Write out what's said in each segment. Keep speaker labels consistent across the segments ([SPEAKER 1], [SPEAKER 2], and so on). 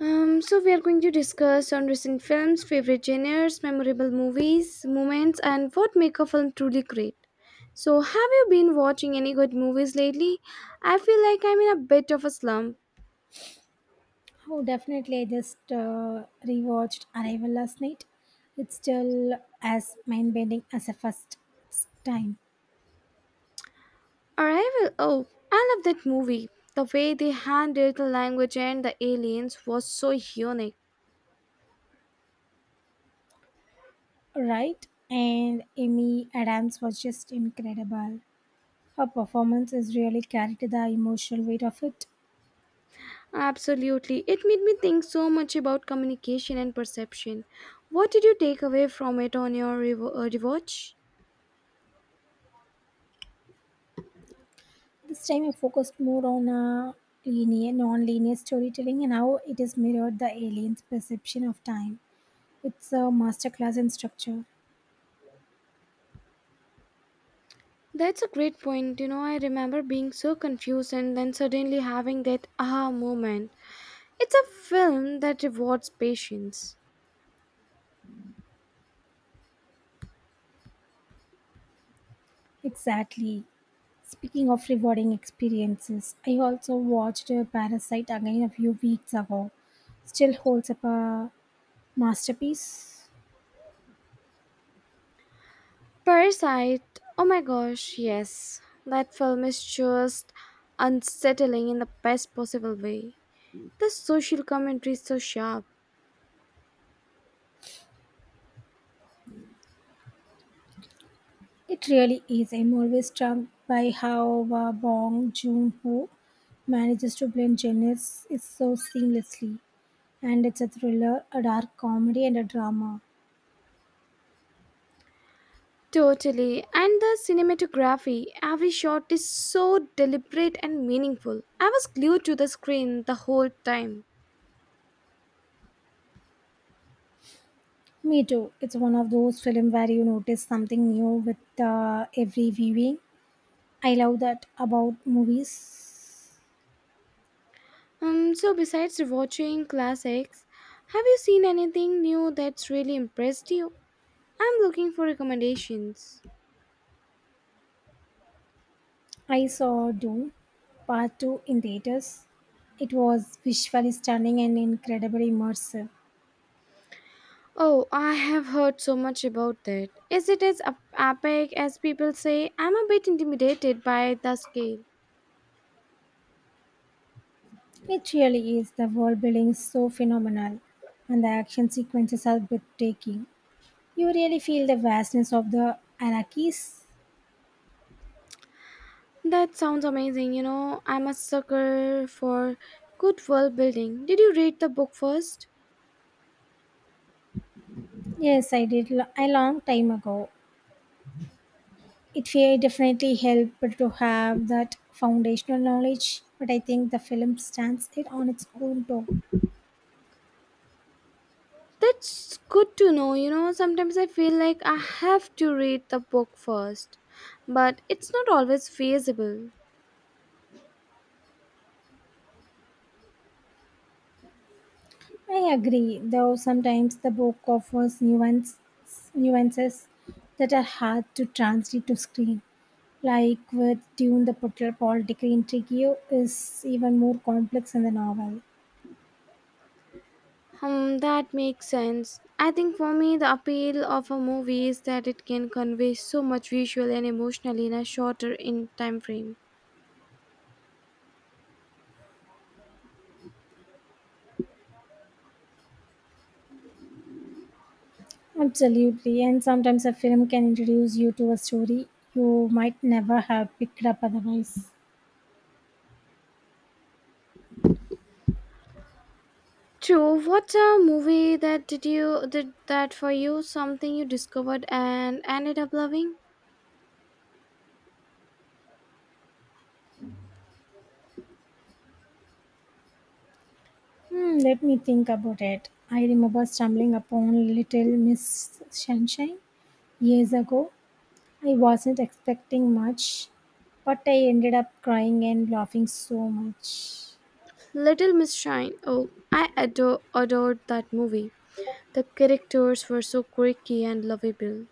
[SPEAKER 1] So we are going to discuss on recent films, favorite genres, memorable movies, moments, and what make a film truly great. So, have you been watching any good movies lately? I feel like I'm in a bit of a slump.
[SPEAKER 2] Oh, definitely. I just rewatched Arrival last night. It's still as mind bending as the first time,
[SPEAKER 1] Arrival. Oh, I love that movie. The way they handled the language and the aliens was so unique.
[SPEAKER 2] right? And Amy Adams was just incredible. Her performance is really carried the emotional weight of it.
[SPEAKER 1] Absolutely, it made me think so much about communication and perception. What did you take away from it on your rewatch?
[SPEAKER 2] This time, I focused more on linear, non-linear storytelling and how it is mirrored the alien's perception of time. It's a masterclass in structure.
[SPEAKER 1] That's a great point. You know, I remember being so confused and then suddenly having that aha moment. It's a film that rewards patience.
[SPEAKER 2] Exactly. Speaking of rewarding experiences, I also watched Parasite again a few weeks ago. Still holds up a masterpiece.
[SPEAKER 1] Parasite, oh my gosh, yes. That film is just unsettling in the best possible way. The social commentary is so sharp.
[SPEAKER 2] It really is. I'm always struck by how Bong Joon-ho manages to blend genres is so seamlessly. And it's a thriller, a dark comedy, and a drama.
[SPEAKER 1] Totally. And the cinematography, every shot is so deliberate and meaningful. I was glued to the screen the whole time.
[SPEAKER 2] Me too. It's one of those films where you notice something new with every viewing. I love that about movies.
[SPEAKER 1] So besides watching classics, have you seen anything new that's really impressed you? I'm looking for recommendations.
[SPEAKER 2] I saw Dune Part 2 in theaters. It was visually stunning and incredibly immersive.
[SPEAKER 1] Oh, I have heard so much about that. Is it as epic as people say? I'm a bit intimidated by the scale.
[SPEAKER 2] It really is. The world building is so phenomenal, and the action sequences are breathtaking. You really feel the vastness of the Arakis.
[SPEAKER 1] That sounds amazing. You know, I'm a sucker for good world building. Did you read the book first?
[SPEAKER 2] Yes, a long time ago. Definitely helped to have that foundational knowledge, but I think the film stands it on its own too.
[SPEAKER 1] That's good to know. You know, sometimes I feel like I have to read the book first, but it's not always feasible.
[SPEAKER 2] I agree, though sometimes the book offers nuances that are hard to translate to screen. Like with Dune, the political intrigue is even more complex in the novel.
[SPEAKER 1] That makes sense. I think for me, the appeal of a movie is that it can convey so much visually and emotionally in a shorter in time frame.
[SPEAKER 2] Absolutely, and sometimes a film can introduce you to a story you might never have picked up otherwise.
[SPEAKER 1] True. What's a movie that did that for you? Something you discovered and ended up loving?
[SPEAKER 2] Hmm, let me think about it. I remember stumbling upon Little Miss Sunshine years ago I wasn't expecting much, but I ended up crying and laughing so much.
[SPEAKER 1] Little Miss Shine. Oh, I adored that movie. The characters were so quirky and lovable.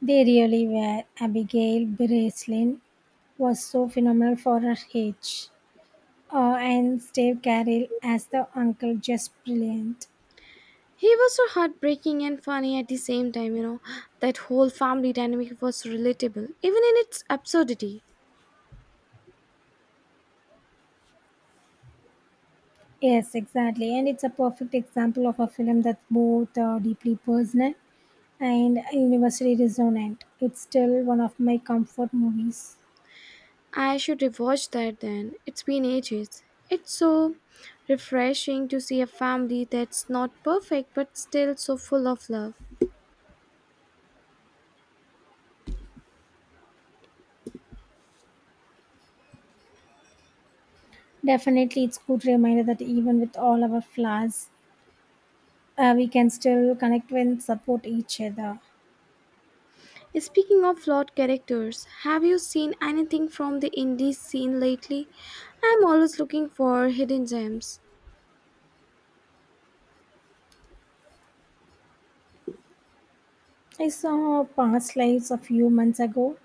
[SPEAKER 2] They really were. Abigail Breslin was so phenomenal for her age. And Steve Carell as the uncle, just brilliant.
[SPEAKER 1] He was so heartbreaking and funny at the same time, you know. That whole family dynamic was relatable, even in its absurdity.
[SPEAKER 2] Yes, exactly. And it's a perfect example of a film that's both deeply personal and universally resonant. It's still one of my comfort movies.
[SPEAKER 1] I should rewatch that then. It's been ages. It's so refreshing to see a family that's not perfect but still so full of love.
[SPEAKER 2] Definitely, it's good reminder that even with all our flaws, we can still connect and support each other.
[SPEAKER 1] Speaking of flawed characters, have you seen anything from the indie scene lately? I'm always looking for hidden gems.
[SPEAKER 2] I saw past lives a few months ago.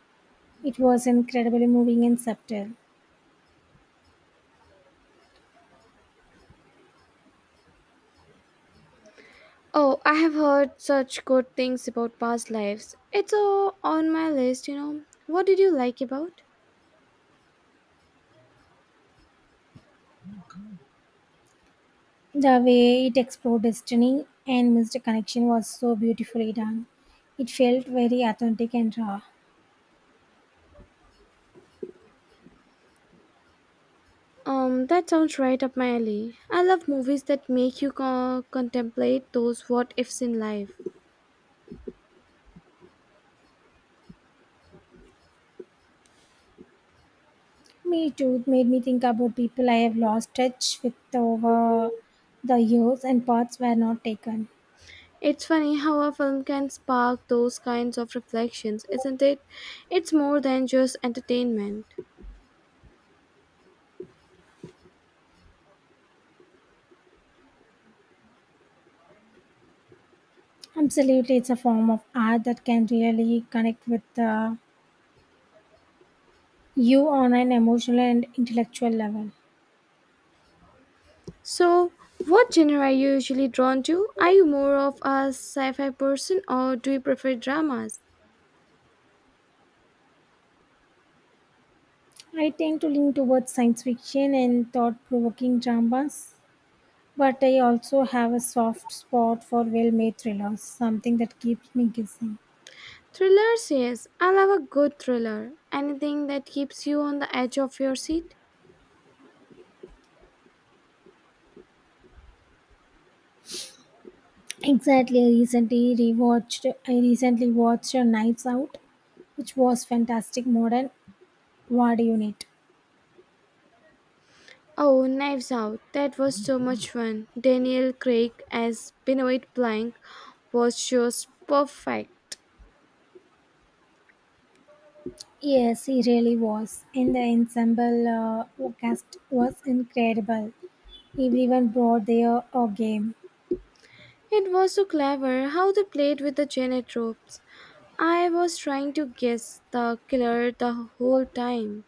[SPEAKER 2] It was incredibly moving and subtle.
[SPEAKER 1] Oh, I have heard such good things about past lives. It's all on my list, you know. What did you like about?
[SPEAKER 2] The way it explored destiny and missed connection was so beautifully done. It felt very authentic and raw.
[SPEAKER 1] That sounds right up my alley. I love movies that make you contemplate those what ifs in life.
[SPEAKER 2] Me too, it made me think about people I have lost touch with over the years and paths were not taken.
[SPEAKER 1] It's funny how a film can spark those kinds of reflections, isn't it? It's more than just entertainment.
[SPEAKER 2] Absolutely, it's a form of art that can really connect with you on an emotional and intellectual level.
[SPEAKER 1] So, what genre are you usually drawn to? Are you more of a sci fi person or do you prefer dramas?
[SPEAKER 2] I tend to lean towards science fiction and thought provoking dramas, but I also have a soft spot for well made thrillers, something that keeps me guessing.
[SPEAKER 1] Thrillers, yes. I love a good thriller. Anything that keeps you on the edge of your seat.
[SPEAKER 2] Exactly, I recently watched Knives Out, which was fantastic modern war unit.
[SPEAKER 1] Oh, Knives Out. That was so much fun. Daniel Craig as Benoit Blanc was just perfect.
[SPEAKER 2] Yes, he really was. And the ensemble cast was incredible. Everyone brought their A game.
[SPEAKER 1] It was so clever how they played with the genre tropes. I was trying to guess the killer the whole time.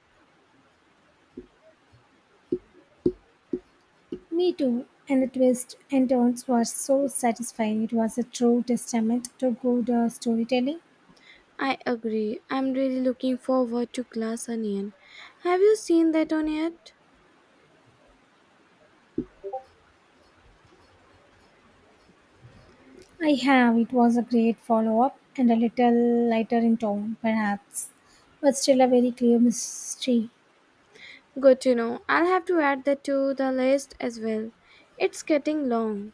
[SPEAKER 2] Me too, and the twists and turns were so satisfying. It was a true testament to good storytelling.
[SPEAKER 1] I agree. I'm really looking forward to Glass Onion. Have you seen that one yet?
[SPEAKER 2] I have, it was a great follow up and a little lighter in tone, perhaps, but still a very clear mystery.
[SPEAKER 1] Good to know. I'll have to add that to the list as well. It's getting long.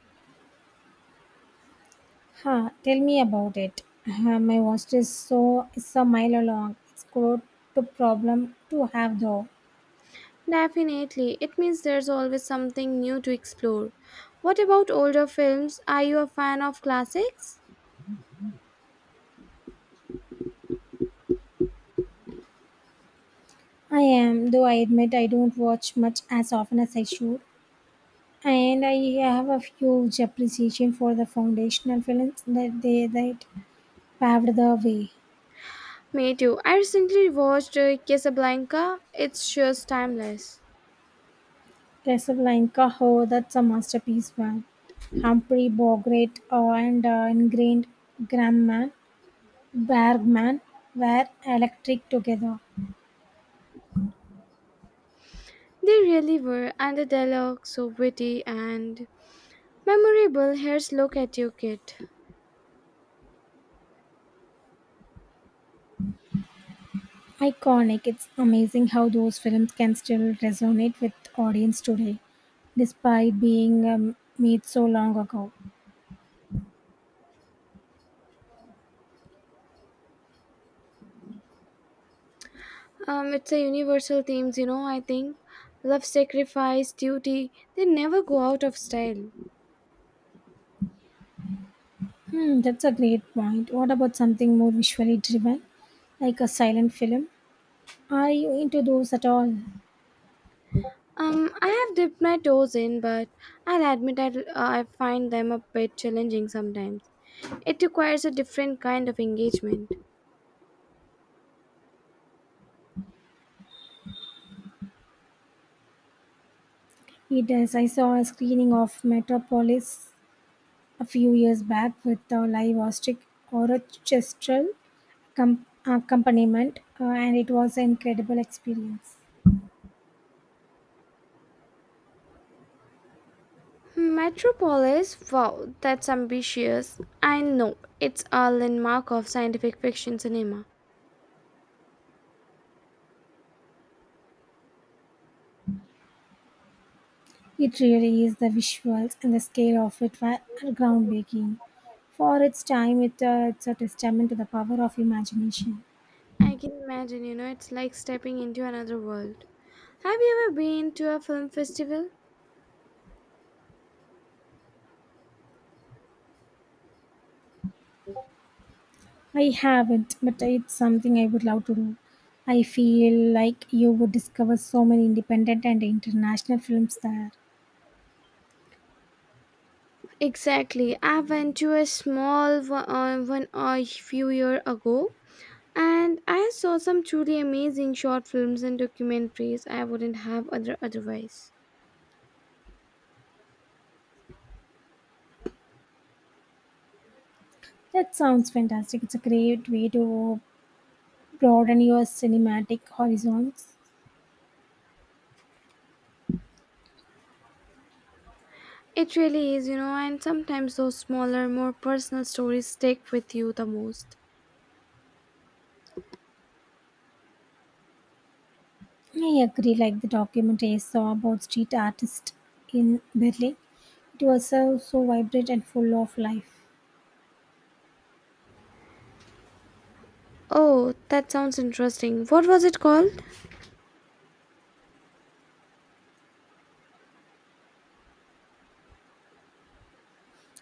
[SPEAKER 2] Ha, tell me about it. My watch is so it's a mile long. It's good to problem to have though.
[SPEAKER 1] Definitely. It means there's always something new to explore. What about older films? Are you a fan of classics?
[SPEAKER 2] I am, though I admit I don't watch much as often as I should. And I have a huge appreciation for the foundational films that paved the way.
[SPEAKER 1] Me too. I recently watched Casablanca. It's just timeless.
[SPEAKER 2] Casablanca, oh, that's a masterpiece, man. Humphrey Bogart and Grandman, Bergman were electric together.
[SPEAKER 1] They really were, and the dialogue so witty and memorable. Here's Look at You Kid.
[SPEAKER 2] Iconic. It's amazing how those films can still resonate with audience today, despite being made so long ago.
[SPEAKER 1] It's a universal themes, you know, I think. Love, sacrifice, duty, they never go out of style.
[SPEAKER 2] Hmm, that's a great point. What about something more visually driven, like a silent film? Are you into those at all?
[SPEAKER 1] I have dipped my toes in, but I'll admit I find them a bit challenging sometimes. It requires a different kind of engagement.
[SPEAKER 2] It is. I saw a screening of Metropolis a few years back with a live orchestral accompaniment, and it was an incredible experience.
[SPEAKER 1] Metropolis, wow, that's ambitious. I know, it's a landmark of scientific fiction cinema.
[SPEAKER 2] It really is. The visuals and the scale of it were are groundbreaking. For its time, it, it's a testament to the power of imagination.
[SPEAKER 1] I can imagine, you know, it's like stepping into another world. Have you ever been to a film festival?
[SPEAKER 2] I haven't, but it's something I would love to do. I feel like you would discover so many independent and international films there.
[SPEAKER 1] Exactly. I went to a small one, a few years ago. And I saw some truly amazing short films and documentaries I wouldn't have otherwise.
[SPEAKER 2] That sounds fantastic. It's a great way to broaden your cinematic horizons.
[SPEAKER 1] It really is, you know, and sometimes those smaller, more personal stories stick with you the most.
[SPEAKER 2] I agree, like the documentary I saw about street artists in Berlin. It was so, so vibrant and full of life.
[SPEAKER 1] Oh, that sounds interesting. What was it called?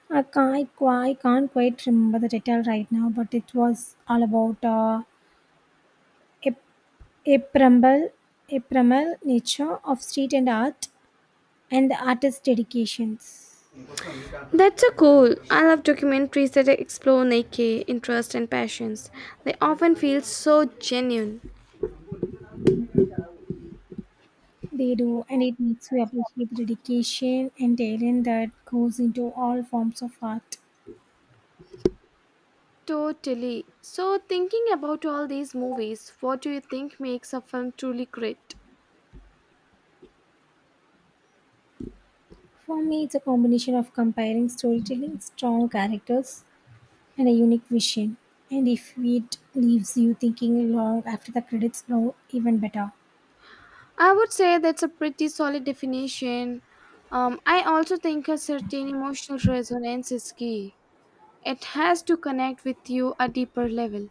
[SPEAKER 2] I can't quite remember the title right now, but it was all about a A Prambal, a primal nature of street and art and the artist dedications
[SPEAKER 1] That's so cool. I love documentaries that explore Nike, interests, and passions. They often feel so genuine.
[SPEAKER 2] they do and it makes you appreciate the dedication and talent that goes into all forms of art.
[SPEAKER 1] Totally. So, thinking about all these movies, what do you think makes a film truly great?
[SPEAKER 2] For me it's a combination of comparing storytelling, strong characters and a unique vision. And if it leaves you thinking long after the credits roll, even better.
[SPEAKER 1] I would say that's a pretty solid definition. I also think a certain emotional resonance is key. It has to connect with you a deeper level.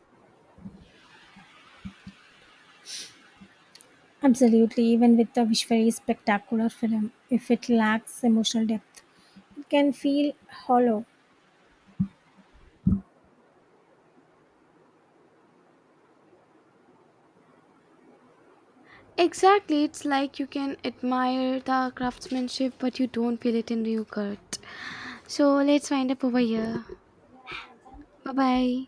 [SPEAKER 2] Absolutely, even with a visually spectacular film, if it lacks emotional depth, it can feel hollow.
[SPEAKER 1] Exactly, it's like you can admire the craftsmanship, but you don't feel it in real gut. So let's wind up over here. Bye bye.